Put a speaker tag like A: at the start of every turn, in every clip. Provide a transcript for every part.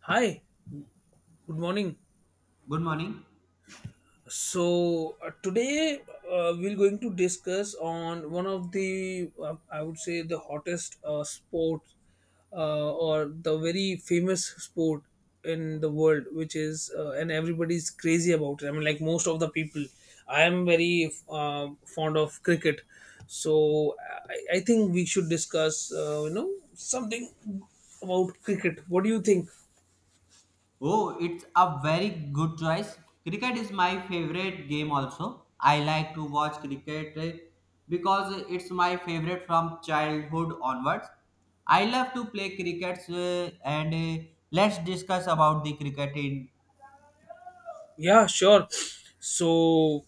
A: Hi, good morning.
B: Good morning.
A: So today we're going to discuss on one of the I would say the hottest sport or the very famous sport in the world, which is and everybody's crazy about it. Most of the people, I am very fond of cricket, so I think we should discuss something about cricket. What do you think?
B: Oh, it's a very good choice. Cricket is my favorite game also. I like to watch cricket because it's my favorite from childhood onwards. I love to play cricket and let's discuss about the cricket in.
A: Yeah, sure. So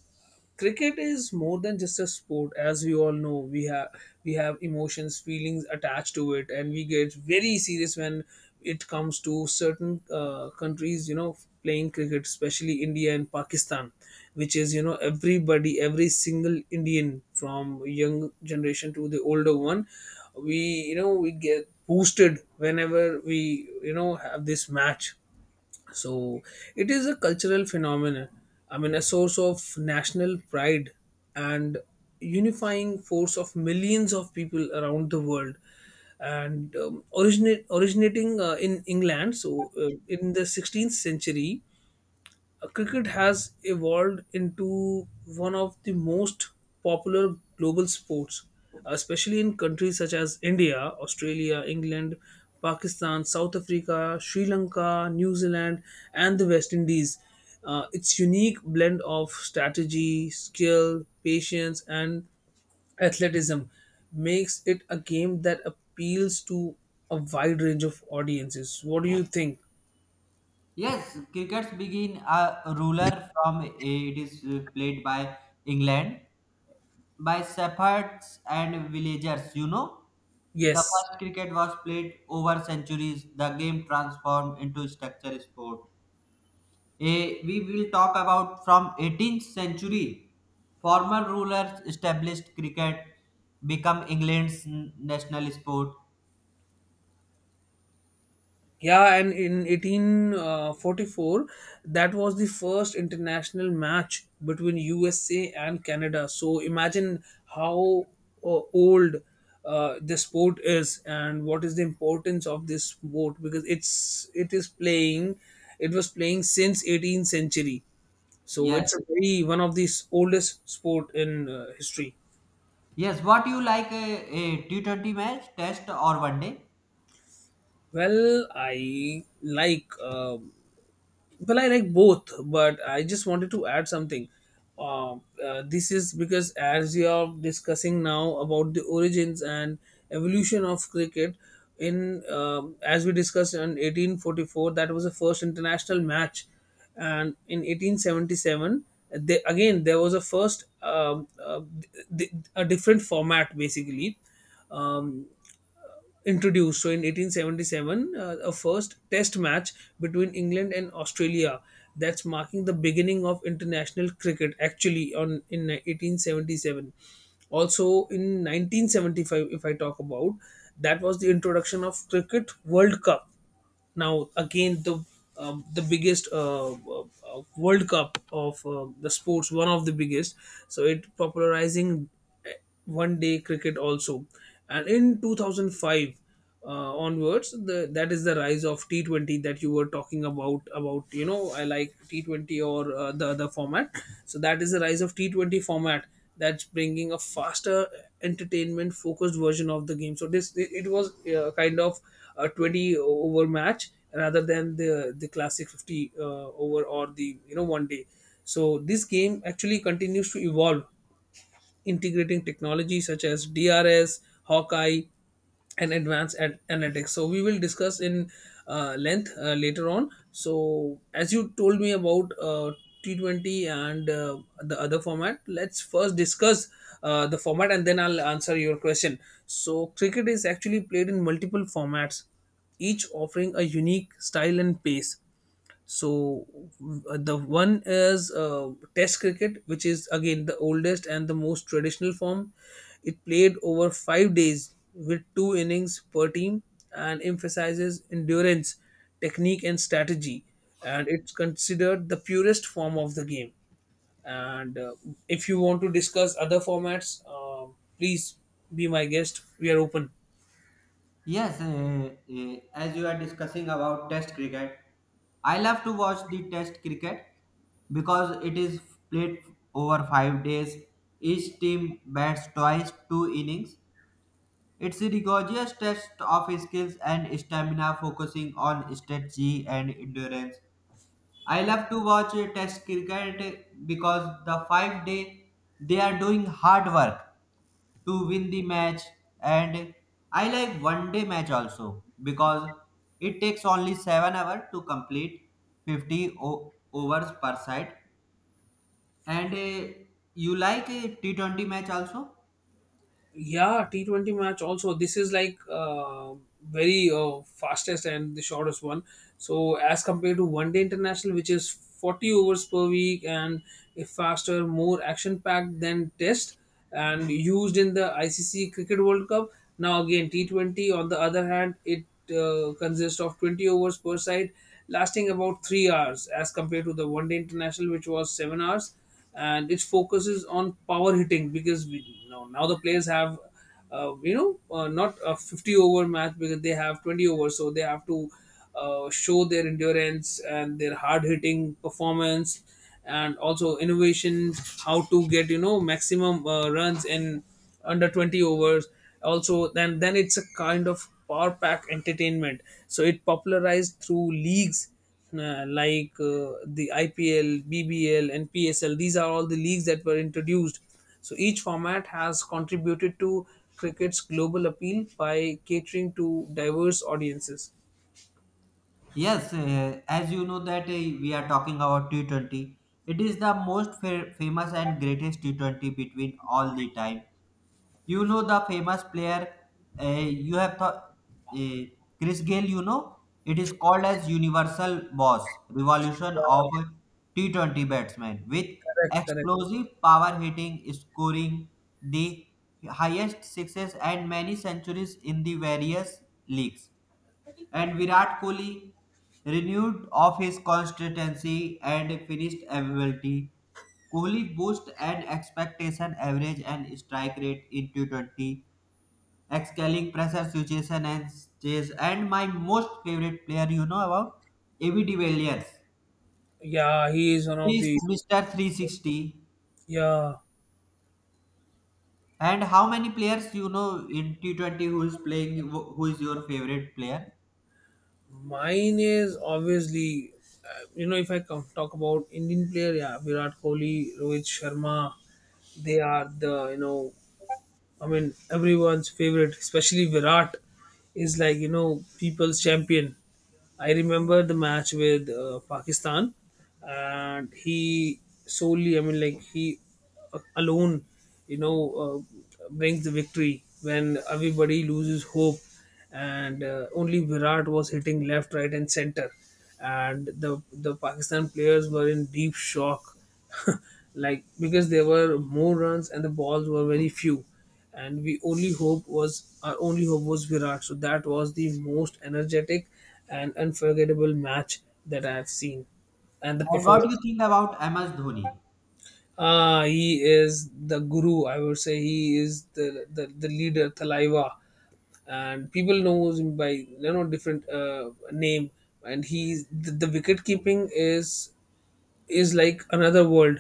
A: cricket is more than just a sport, as we all know. We have emotions, feelings attached to it, and we get very serious when it comes to certain countries, you know, playing cricket, especially India and Pakistan, which is, you know, everybody, every single Indian from young generation to the older one, we you know we get boosted whenever we have this match. So it is a cultural phenomenon. I mean, a source of national pride and unifying force of millions of people around the world. And originate originating in England, in the 16th century, cricket has evolved into one of the most popular global sports, especially in countries such as India, Australia, England, Pakistan, South Africa, Sri Lanka, New Zealand, and the West Indies. Its unique blend of strategy, skill, patience, and athleticism makes it a game that appeals to a wide range of audiences. What do you think?
B: Yes, crickets begin a ruler from it is played by England by shepherds and villagers, you know. The
A: Yes.
B: first cricket was played over centuries. The game transformed into structure sport. We will talk about from 18th century. Former rulers established cricket become England's national sport.
A: Yeah, and in 1844, that was the first international match between USA and Canada. So imagine how old this sport is, and what is the importance of this sport, because it is playing, it was playing since 18th century. So
B: Yes.
A: it's a very one of the oldest sport in history.
B: Yes. What you like a T20 match, test or one day?
A: Well, I like. Uh, Well, I like both, but I just wanted to add something. Uh, this is because, as you are discussing now about the origins and evolution of cricket, in as we discussed in 1844, that was the first international match, and in 1877, again there was a a different format basically. Um, Introduced. So in 1877, a first test match between England and Australia. That's marking the beginning of international cricket. Actually, on in 1877, also in 1975, if I talk about, that was the introduction of cricket World Cup, now again the biggest World Cup of the sports, one of the biggest. So it popularizing uh, one day cricket also, and in 2005 onwards, the that is the rise of T 20 that you were talking about, you know, I like T 20 or the other format. So that is the rise of T 20 format, that's bringing a faster, entertainment focused version of the game. So it was kind of a 20 over match rather than the classic 50 over, or the, you know, one day. So this game actually continues to evolve, integrating technology such as DRS, Hawkeye, and advanced analytics. So we will discuss in length later on. So as you told me about T20 and the other format, let's first discuss the format, and then I'll answer your question. So cricket is actually played in multiple formats, each offering a unique style and pace. So the one is Test cricket, which is again the oldest and the most traditional form. It played over 5 days with two innings per team, and emphasizes endurance, technique, and strategy. And it's considered the purest form of the game. And if you want to discuss other formats, please be my guest. We are open.
B: Yes, as you are discussing about Test cricket, I love to watch the Test cricket because it is played over 5 days. Each team bats twice, two innings. It's a rigorous test of skills and stamina, focusing on strategy and endurance. I love to watch test cricket because the 5 day they are doing hard work to win the match and I like one day match also because it takes only 7 hours to complete 50 overs per side and you like a T20 match also?
A: Yeah, T20 match also. This is like very fastest and the shortest one. So as compared to one day international, which is 40 overs per week, and a faster, more action packed than test, and used in the ICC Cricket World Cup. Now again, T20 on the other hand, it consists of 20 overs per side, lasting about 3 hours, as compared to the one day international, which was 7 hours. And it focuses on power hitting, because now the players have not a 50 over match, because they have 20 overs, so they have to show their endurance and their hard hitting performance, and also innovation, how to get, you know, maximum runs in under 20 overs. Also then it's a kind of power pack entertainment. So it popularized through leagues like the IPL, BBL, and PSL. These are all the leagues that were introduced. So each format has contributed to cricket's global appeal by catering to diverse audiences.
B: Yes, as you know that we are talking about T20. It is the most famous and greatest T20 between all the time. You know the famous player you have thought uh, Chris Gale. You know it is called as Universal Boss Revolution of T20 batsman with
A: Correct, correct.
B: explosive power hitting, scoring the highest sixes and many centuries in the various leagues and Virat Kohli renewed of his consistency and finished ability. Kohli boosted an expectation average and strike rate in T20, excelling pressure situation and chase. And my most favorite player, you know about AB de Villiers.
A: Yeah, he is one
B: He
A: of
B: is
A: the.
B: Mr. 360.
A: Yeah,
B: And how many players you know in T20 who is playing, who is your favorite player?
A: mine is obviously, you know, if I come talk about Indian player, yeah, Virat Kohli, Rohit Sharma, they are the, you know, I mean, everyone's favorite, especially Virat, is like, you know, people's champion. I remember the match with Pakistan, and he solely, I mean, like, he alone, you know, brings the victory when everybody loses hope, and only Virat was hitting left, right, and center. And the Pakistan players were in deep shock, like, because there were more runs and the balls were very few, and we only hope was our only hope was Virat. So that was the most energetic and unforgettable match that I have seen, and the
B: And what do you
A: performance.
B: think about MS Dhoni?
A: Ah, he is the guru. I would say he is the leader, Thalaiva, and people knows him by, you know, different name. And he's the wicket keeping is like another world.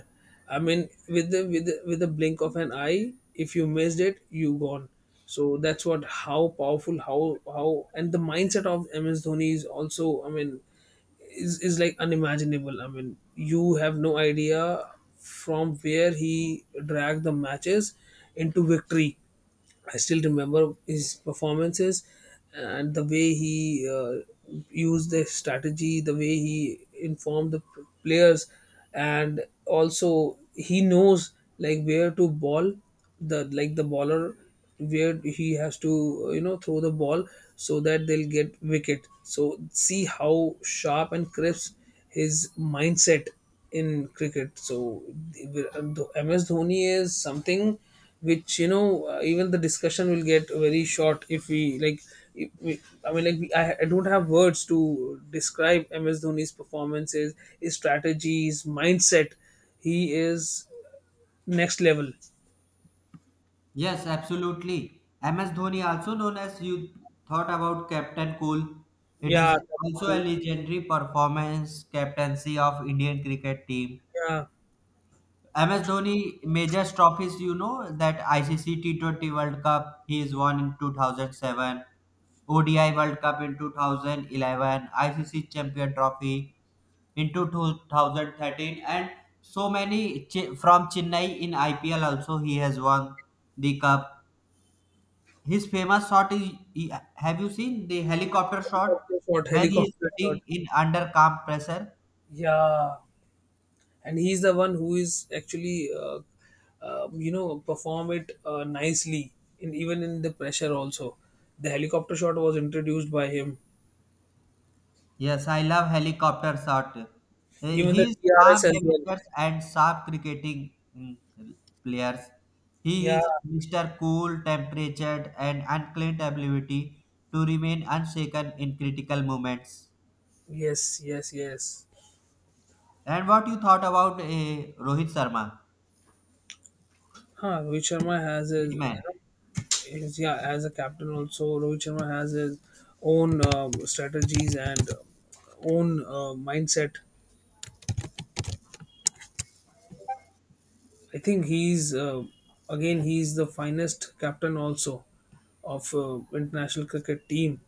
A: I mean, with the blink of an eye, if you missed it, you gone. So that's what, how powerful, how and the mindset of MS Dhoni is also. I mean, is like unimaginable. I mean, you have no idea from where he dragged the matches into victory. I still remember his performances and the way he used the strategy, the way he informed the players, and also he knows like where to ball, the like the baller, where he has to you know, throw the ball, so that they'll get wicket. So see how sharp and crisp his mindset in cricket. So MS Dhoni is something which, you know, even the discussion will get very short if we like, if we, I mean, like we, I don't have words to describe MS Dhoni's performances, his strategies, mindset. He is next level.
B: Yes, absolutely. MS Dhoni, also known as you thought about Captain Cool, it
A: Yeah,
B: is also a legendary performance captaincy of Indian cricket team.
A: yeah,
B: MS Dhoni major trophies, you know, that ICC T20 World Cup he is won in 2007, ODI World Cup in 2011, ICC Champion Trophy in 2013, and so many from Chennai in IPL also he has won the cup. His famous shot is have you seen the helicopter shot
A: helicopter shot,
B: when he is
A: helicopter shot.
B: hitting in under calm pressure?
A: Yeah, and he's the one who is actually you know, perform it nicely, in even in the pressure also. The helicopter shot was introduced by him.
B: Yes, I love helicopter shot.
A: Even the
B: His calm
A: TRS as well.
B: demeanor and sharp cricketing players. He
A: Yeah.
B: is Mr. Cool, temperatured, and unclaimed ability to remain unshaken in critical moments.
A: Yes. Yes. Yes.
B: And what you thought about Rohit Sharma,
A: Huh. Rohit Sharma has
B: hitman?
A: his yeah, as a captain also. Rohit Sharma has his own strategies, and own mindset. I think he's the finest captain also of international cricket team,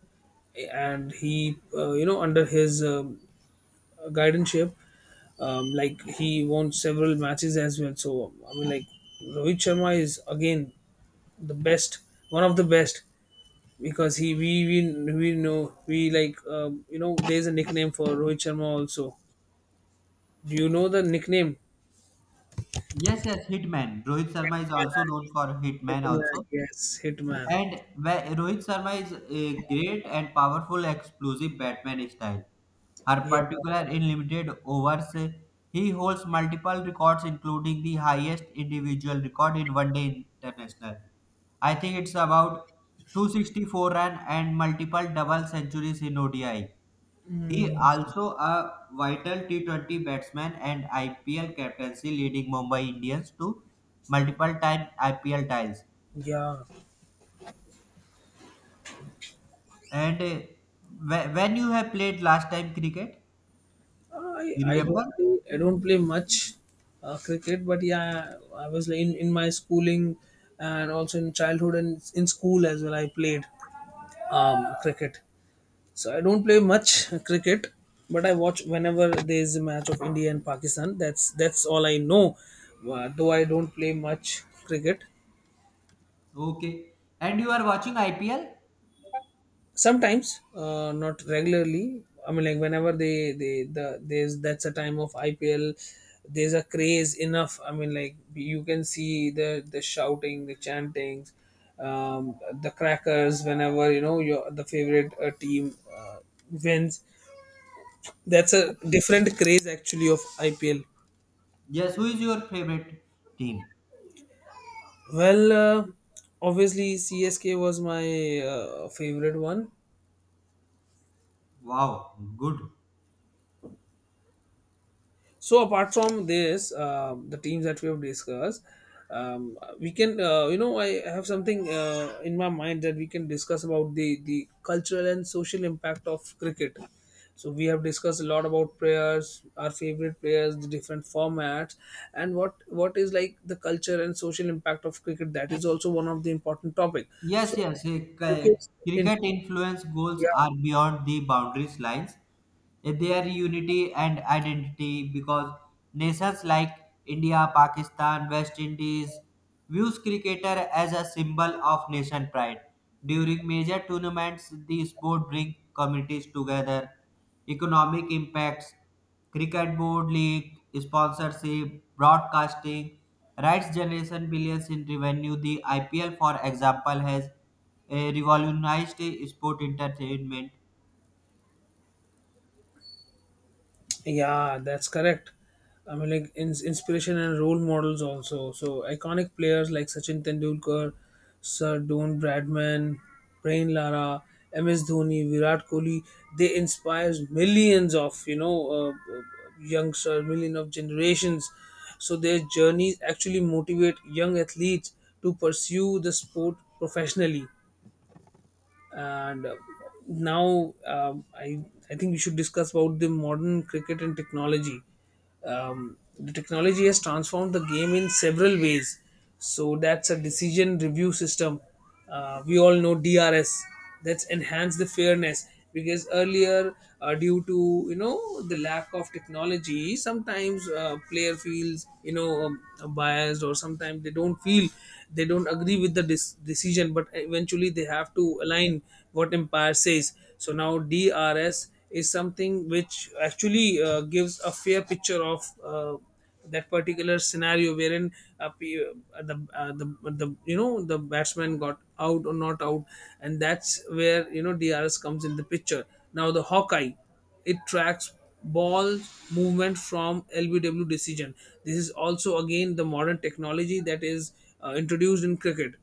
A: and he, you know, under his guidance, like, he won several matches as well. So I mean, like, Rohit Sharma is again the best, one of the best, because we know, we like, you know, there's a nickname for Rohit Sharma also. Do you know the nickname?
B: Yes, yes, hitman. Rohit Sharma is also known for hitman
A: Hitman.
B: also.
A: Yes, Hitman.
B: And where Rohit Sharma is a great and powerful explosive Batman style. Her
A: Yeah,
B: particular in limited overs, he holds multiple records including the highest individual record in one day international. I think it's about 264 run and multiple double centuries in ODI. He
A: mm,
B: also a vital T20 batsman and IPL captaincy leading Mumbai Indians to multiple time IPL titles.
A: yeah.
B: And when you have played last time cricket, you remember?
A: I don't play much cricket, but yeah, I was like in my schooling, and also in childhood and in school as well. I played cricket. So I don't play much cricket, but I watch whenever there is a match of India and Pakistan. That's all I know. Though I don't play much cricket.
B: Okay. And you are watching IPL?
A: Sometimes, not regularly. I mean, like, whenever they the there's that's a time of IPL. There's a craze enough. I mean, like, you can see the shouting, the chantings, the crackers, whenever, you know, your the favorite team wins. That's a different craze actually of IPL.
B: Yes. Who is your favorite team?
A: Well, obviously CSK was my favorite one.
B: Wow, good.
A: So apart from this, the teams that we have discussed, we can, you know, I have something in my mind, that we can discuss about the cultural and social impact of cricket. So we have discussed a lot about players, our favorite players, the different formats, and what is like the culture and social impact of cricket. That is also one of the important topic.
B: Yes,
A: So
B: yes.
A: cricket
B: Cricket
A: influence.
B: influence goals
A: Yeah.
B: are beyond the boundaries lines. Their unity and identity because nations like India, Pakistan, West Indies views cricketer as a symbol of nation pride. During major tournaments, the sport brings communities together. Economic impacts. Cricket Board League, sponsorship, broadcasting, rights generation billions in revenue. The IPL, for example, has revolutionized sport entertainment.
A: Yeah, that's correct. I mean, like, inspiration and role models also. So iconic players like Sachin Tendulkar, Sir Don Bradman, Brain Lara, MS Dhoni, Virat Kohli, they inspire millions of, you know, youngsters, millions of generations. So their journeys actually motivate young athletes to pursue the sport professionally and now, I think we should discuss about the modern cricket and technology. The technology has transformed the game in several ways. So that's a decision review system. We all know DRS that's enhance the fairness because earlier, due to the lack of technology sometimes, player feels, biased, or sometimes they don't feel, they don't agree with the decision, but eventually they have to align what umpire says. So now DRS is something which actually gives a fair picture of that particular scenario, wherein uh, p- the you know the batsman got out or not out, and that's where DRS comes in the picture. Now, the Hawkeye, it tracks ball movement from LBW decision. This is also again the modern technology that is introduced in cricket.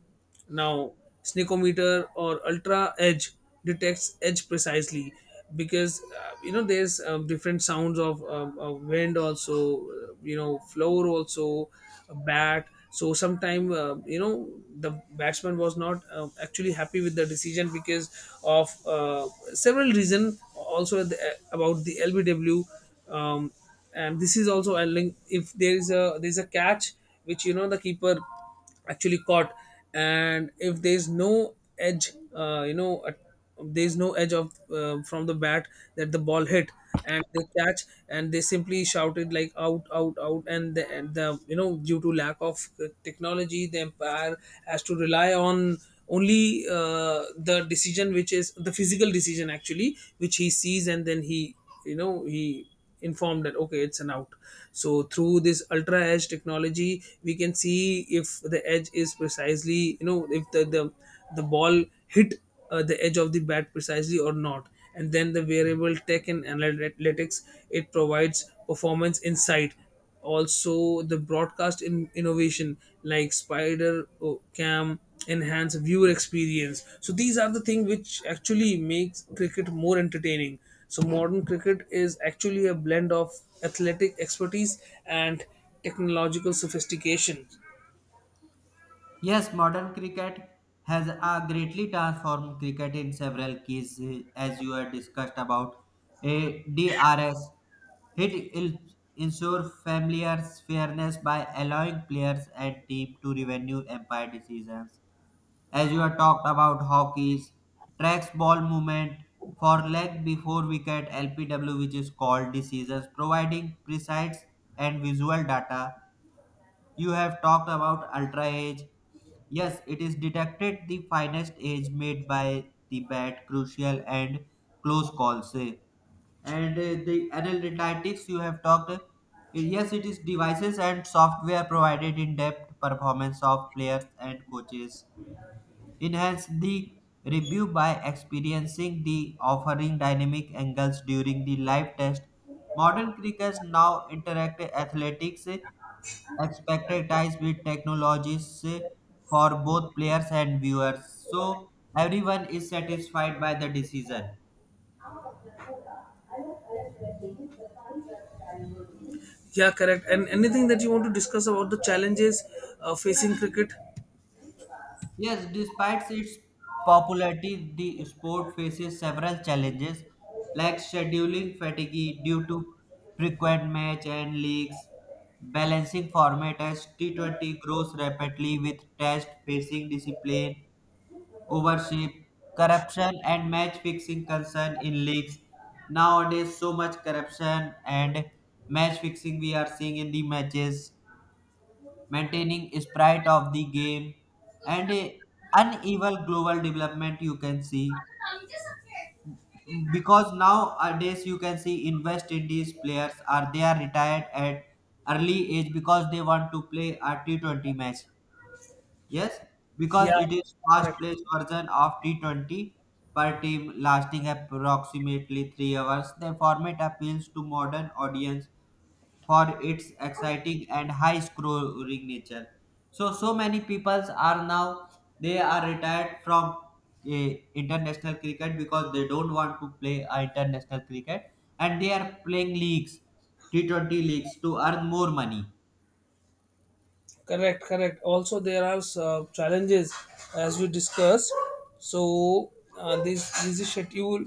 A: Now, sneakometer or ultra edge detects edge precisely because there's different sounds of wind also, floor also, a bat. So sometime, the batsman was not actually happy with the decision because of several reason also at the, about the LBW, um, and this is also a link if there is a there's a catch which, the keeper actually caught, and if there's no edge, there's no edge of, from the bat that the ball hit, and they catch, and they simply shouted like out out out. And the, and the due to lack of technology, the empire has to rely on only the decision, which is the physical decision actually, which he sees, and then he, he informed that okay it's an out. So through this ultra edge technology we can see if the edge is precisely, if the the ball hit the edge of the bat precisely or not. And then the variable tech and analytics, it provides performance insight. Also the broadcast in innovation like spider cam enhance viewer experience. So these are the things which actually makes cricket more entertaining. So modern cricket is actually a blend of athletic expertise and technological sophistication.
B: Yes, modern cricket has greatly transformed cricket in several keys, as you had discussed about. A DRS, it will ensure familiar fairness by allowing players and team to revenue empire decisions. As you have talked about hockey's tracks ball movement for leg before wicket LPW which is called decisions providing precise and visual data. You have talked about ultra age, yes it is detected the finest edge made by the bat crucial and close calls say. And the analytics you have talked yes, it is devices and software provided in depth performance of players and coaches. Enhance the review by experiencing the offering dynamic angles during the live test. Modern crickets now interact athletics expertise with technologies for both players and viewers, so everyone is satisfied by the decision.
A: Yeah, correct. And anything that you want to discuss about the challenges facing cricket?
B: Yes, despite its popularity, the sport faces several challenges like scheduling fatigue due to frequent match and leagues, balancing format as T20 grows rapidly with test facing discipline, overship, corruption and match fixing concern in leagues. Nowadays so much corruption and match fixing we are seeing in the matches, maintaining sprite of the game and a uneven global development you can see because nowadays you can see in west indies players are they are retired at early age because they want to play a T20 match. Yes, because
A: Yeah,
B: it is fast
A: correct.
B: paced version of T20 per team lasting approximately 3 hours, the format appeals to modern audience for its exciting and high scoring nature. So, so many peoples are now they are retired from uh, international cricket because they don't want to play international cricket and they are playing leagues, T20 leagues to earn more money.
A: Correct, correct. Also, there are challenges as we discussed. So, this is schedule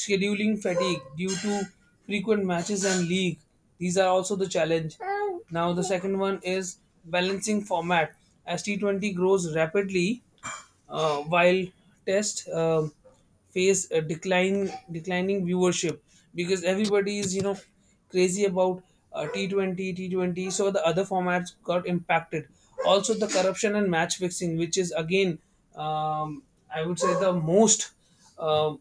A: scheduling fatigue due to frequent matches and league. These are also the challenge. Now, the second one is balancing format. As T20 grows rapidly, while test, face a decline declining viewership, because everybody is, crazy about uh, T20 T20, so the other formats got impacted. Also, the corruption and match fixing, which is again um, I would say the most, um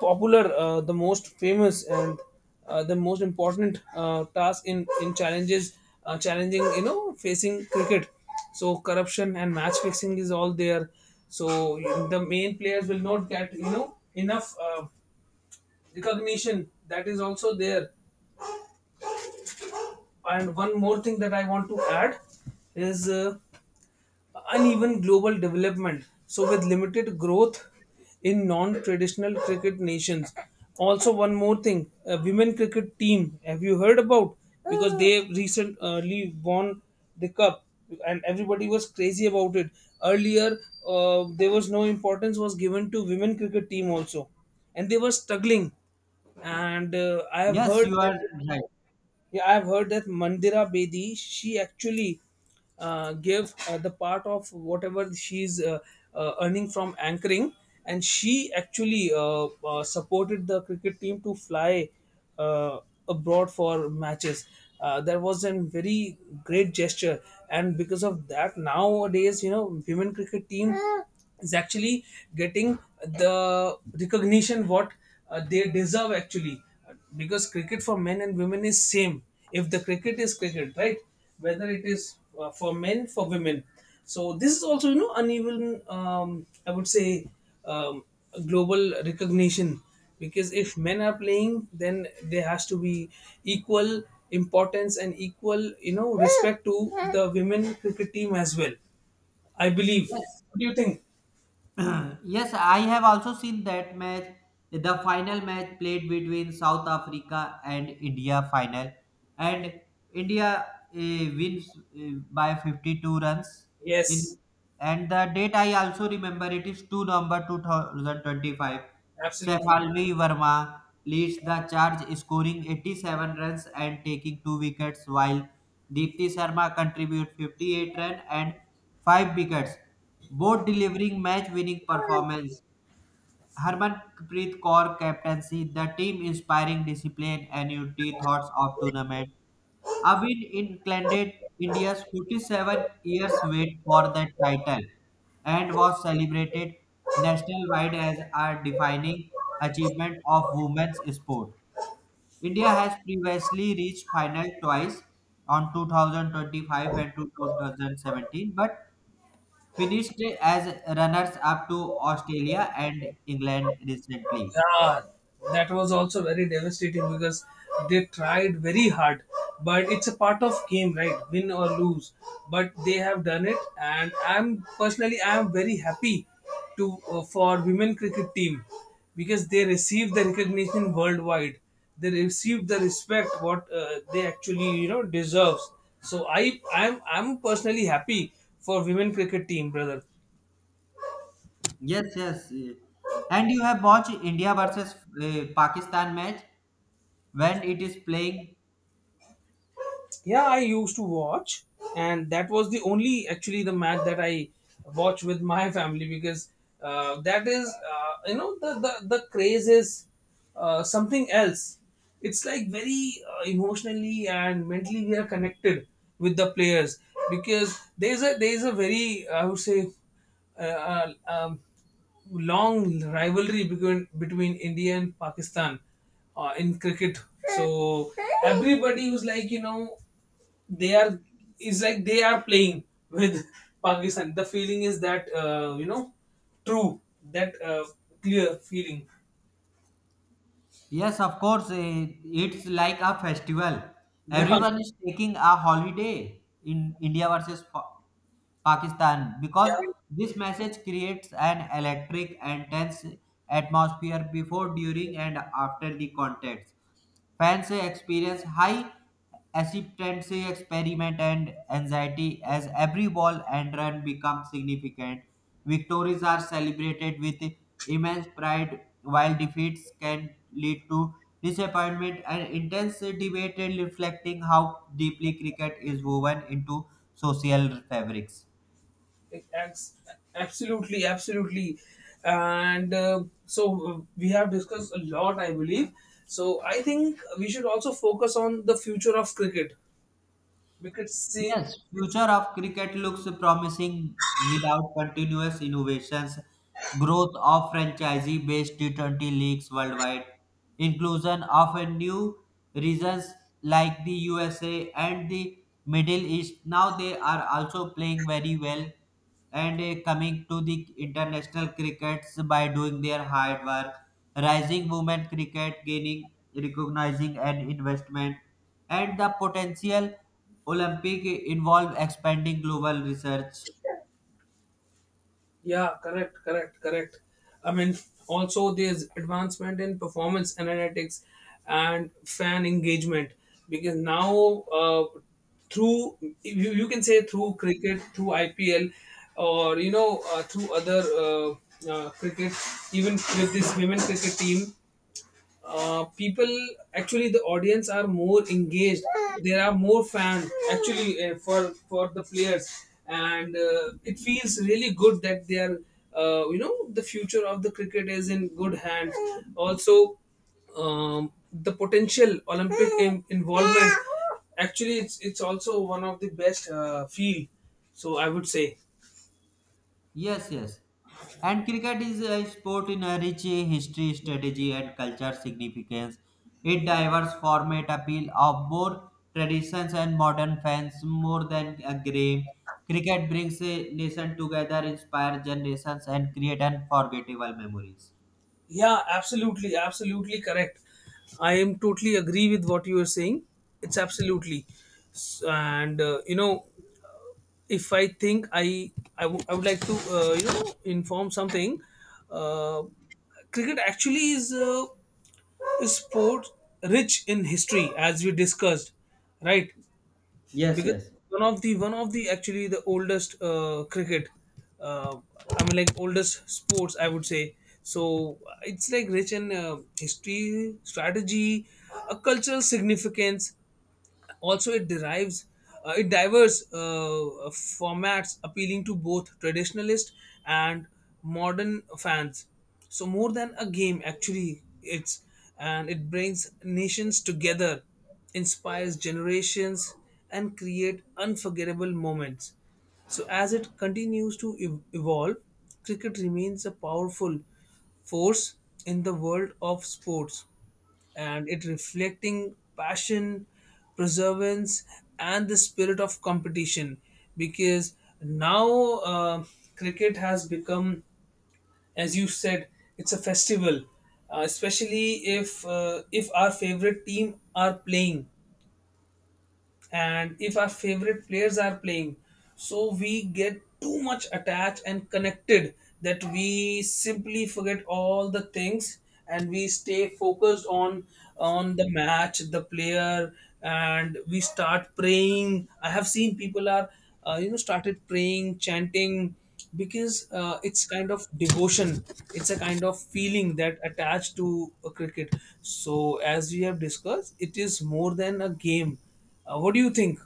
A: popular, the most famous, and the most important, task in challenges, challenging, facing cricket. So corruption and match fixing is all there. So the main players will not get, enough recognition. That is also there. And one more thing that I want to add is. Uneven global development. So, with limited growth in non-traditional cricket nations. Also, one more thing: a women cricket team. Have you heard about? Because they recently won the cup, and everybody was crazy about it. Earlier, there was no importance was given to women cricket team also, and they were struggling. And I have
B: Yes,
A: heard
B: you are
A: that.
B: right.
A: Yeah, I've heard that Mandira Bedi, she actually gave the part of whatever she's, earning from anchoring, and she actually supported the cricket team to fly uh, abroad for matches. That was a very great gesture, and because of that, nowadays, women cricket team is actually getting the recognition what they deserve actually, because cricket for men and women is same. If the cricket is cricket, right? Whether it is for men, for women. So this is also, uneven, I would say, um, global recognition, because if men are playing then there has to be equal importance and equal, respect to the women cricket team as well, I believe.
B: Yes,
A: What do you think?
B: yes, I have also seen that match. The final match played between South Africa and India final, and India wins by 52 runs.
A: Yes,
B: And the date I also remember, it is 2 November 2025. Saif
A: absolutely.
B: Alvi Verma leads the charge, scoring 87 runs and taking two wickets, while Deepti Sharma contribute 58 runs and five wickets, both delivering match-winning performance. Harmanpreet Kaur captaincy, the team inspiring discipline and unity thoughts of tournament Abin included India's 47 years wait for the title and was celebrated nationwide as a defining achievement of women's sport. India has previously reached final twice on 2025 and 2017 but finished as runners up to Australia and England recently.
A: Yeah, that was also very devastating because they tried very hard, but it's a part of game, right? Win or lose, but they have done it, and I am very happy to, for women cricket team, because they received the recognition worldwide. They received the respect what they actually, deserves. So I'm personally happy for women cricket team, brother.
B: Yes, yes. And you have watched India versus Pakistan match when it is playing?
A: Yeah, I used to watch, and that was the only actually the match that I watched with my family. Because that is, the, the craze is something else. It's like very emotionally and mentally we are connected with the players, because there's a very, I would say, uh, uh, um, long rivalry between India and Pakistan, in cricket. So everybody was like, they are, it's like they are playing with Pakistan. The feeling is that, true, that, clear feeling.
B: Yes, of course, it's like a festival.
A: Yeah, yeah.
B: Everyone is taking a holiday in India versus Pakistan because
A: Yeah,
B: this message creates an electric and tense atmosphere before, during and after the contest. Fans say experience high acceptance, say experiment, and anxiety as every ball and run become significant. Victories are celebrated with immense pride, while defeats can lead to disappointment and intense debate, reflecting how deeply cricket is woven into social fabrics.
A: it acts, absolutely, absolutely. And so we have discussed a lot, I believe. So I think we should also focus on the future of cricket, because
B: Yes,
A: since.
B: future of cricket looks promising without continuous innovations, growth of franchisee-based T20 leagues worldwide, inclusion of a new regions like the USA and the Middle East. Now they are also playing very well and coming to the international crickets by doing their hard work. Rising women cricket gaining recognizing and investment and the potential Olympic involve expanding global research.
A: Yeah, correct, correct, correct. I mean, also there's advancement in performance analytics and fan engagement, because now, through you can say, through cricket, through IPL, or through other, cricket, even with this women cricket team. People actually, the audience are more engaged, there are more fans actually for the players. And it feels really good that they are, the future of the cricket is in good hands. Also, the potential olympic involvement, actually, it's also one of the best field, so I would say.
B: Yes, yes. And cricket is a sport in a rich history, strategy, and culture significance. Its diverse format appeal of more traditions and modern fans more than a game. Cricket brings a nation together, inspire generations, and create unforgettable memories.
A: Yeah, absolutely, absolutely correct. I am totally agree with what you are saying. It's absolutely, S- and uh, you know, if I think, I would like to, inform something. Uh, cricket actually is, a sport rich in history, as we discussed, right?
B: Yes,
A: Because
B: yes.
A: one of the actually, the oldest, cricket, uh, I mean like oldest sports, I would say. So it's like rich in, history, strategy, a cultural significance. Also, it derives, it diverse, formats appealing to both traditionalist and modern fans. So, more than a game actually, it's, and it brings nations together, inspires generations, and create unforgettable moments. So as it continues to evolve, cricket remains a powerful force in the world of sports, and it reflecting passion, perseverance, and the spirit of competition. Because now, uh, cricket has become, as you said, it's a festival, especially if our favorite team are playing, and if our favorite players are playing. So we get too much attached and connected that we simply forget all the things, and we stay focused on the match, the player. And we start praying. I have seen people are, started praying, chanting, because it's kind of devotion, it's a kind of feeling that attached to a cricket. So as we have discussed, it is more than a game. What do you think?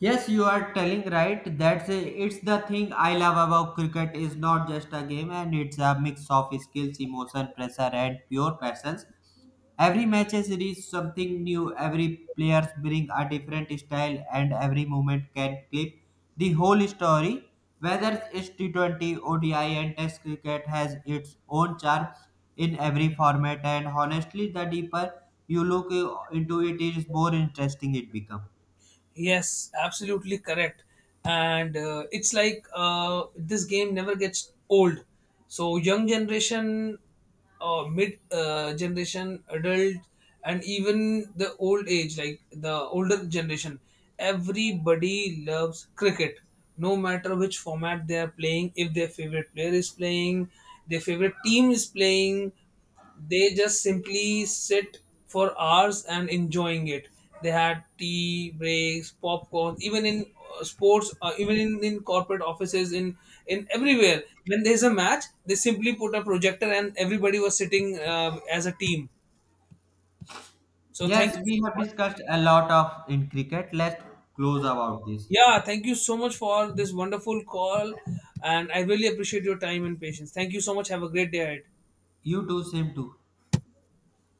B: Yes, you are telling right. That's a, it's the thing I love about cricket is not just a game and it's a mix of skills, emotion, pressure and pure passions. Every match is something new. Every players bring a different style and every moment can clip the whole story. Whether it's T20, ODI and Test cricket has its own charm in every format and honestly the deeper you look into it is more interesting it becomes.
A: Yes, absolutely correct. And it's like, this game never gets old. So young generation, mid generation, adult, and even the old age, like the older generation, everybody loves cricket. No matter which format they are playing, if their favorite player is playing, their favorite team is playing, they just simply sit for hours and enjoying it. They had tea breaks, popcorn. Even in sports, even in corporate offices, in everywhere, when there's a match they simply put a projector and everybody was sitting as a team. So thank
B: Yes,
A: you
B: we
A: so
B: have
A: much.
B: discussed a lot of in cricket. Let's close about this.
A: Yeah, thank you so much for this wonderful call, and I really appreciate your time and patience. Thank you so much, have a great day ahead.
B: You too, same too.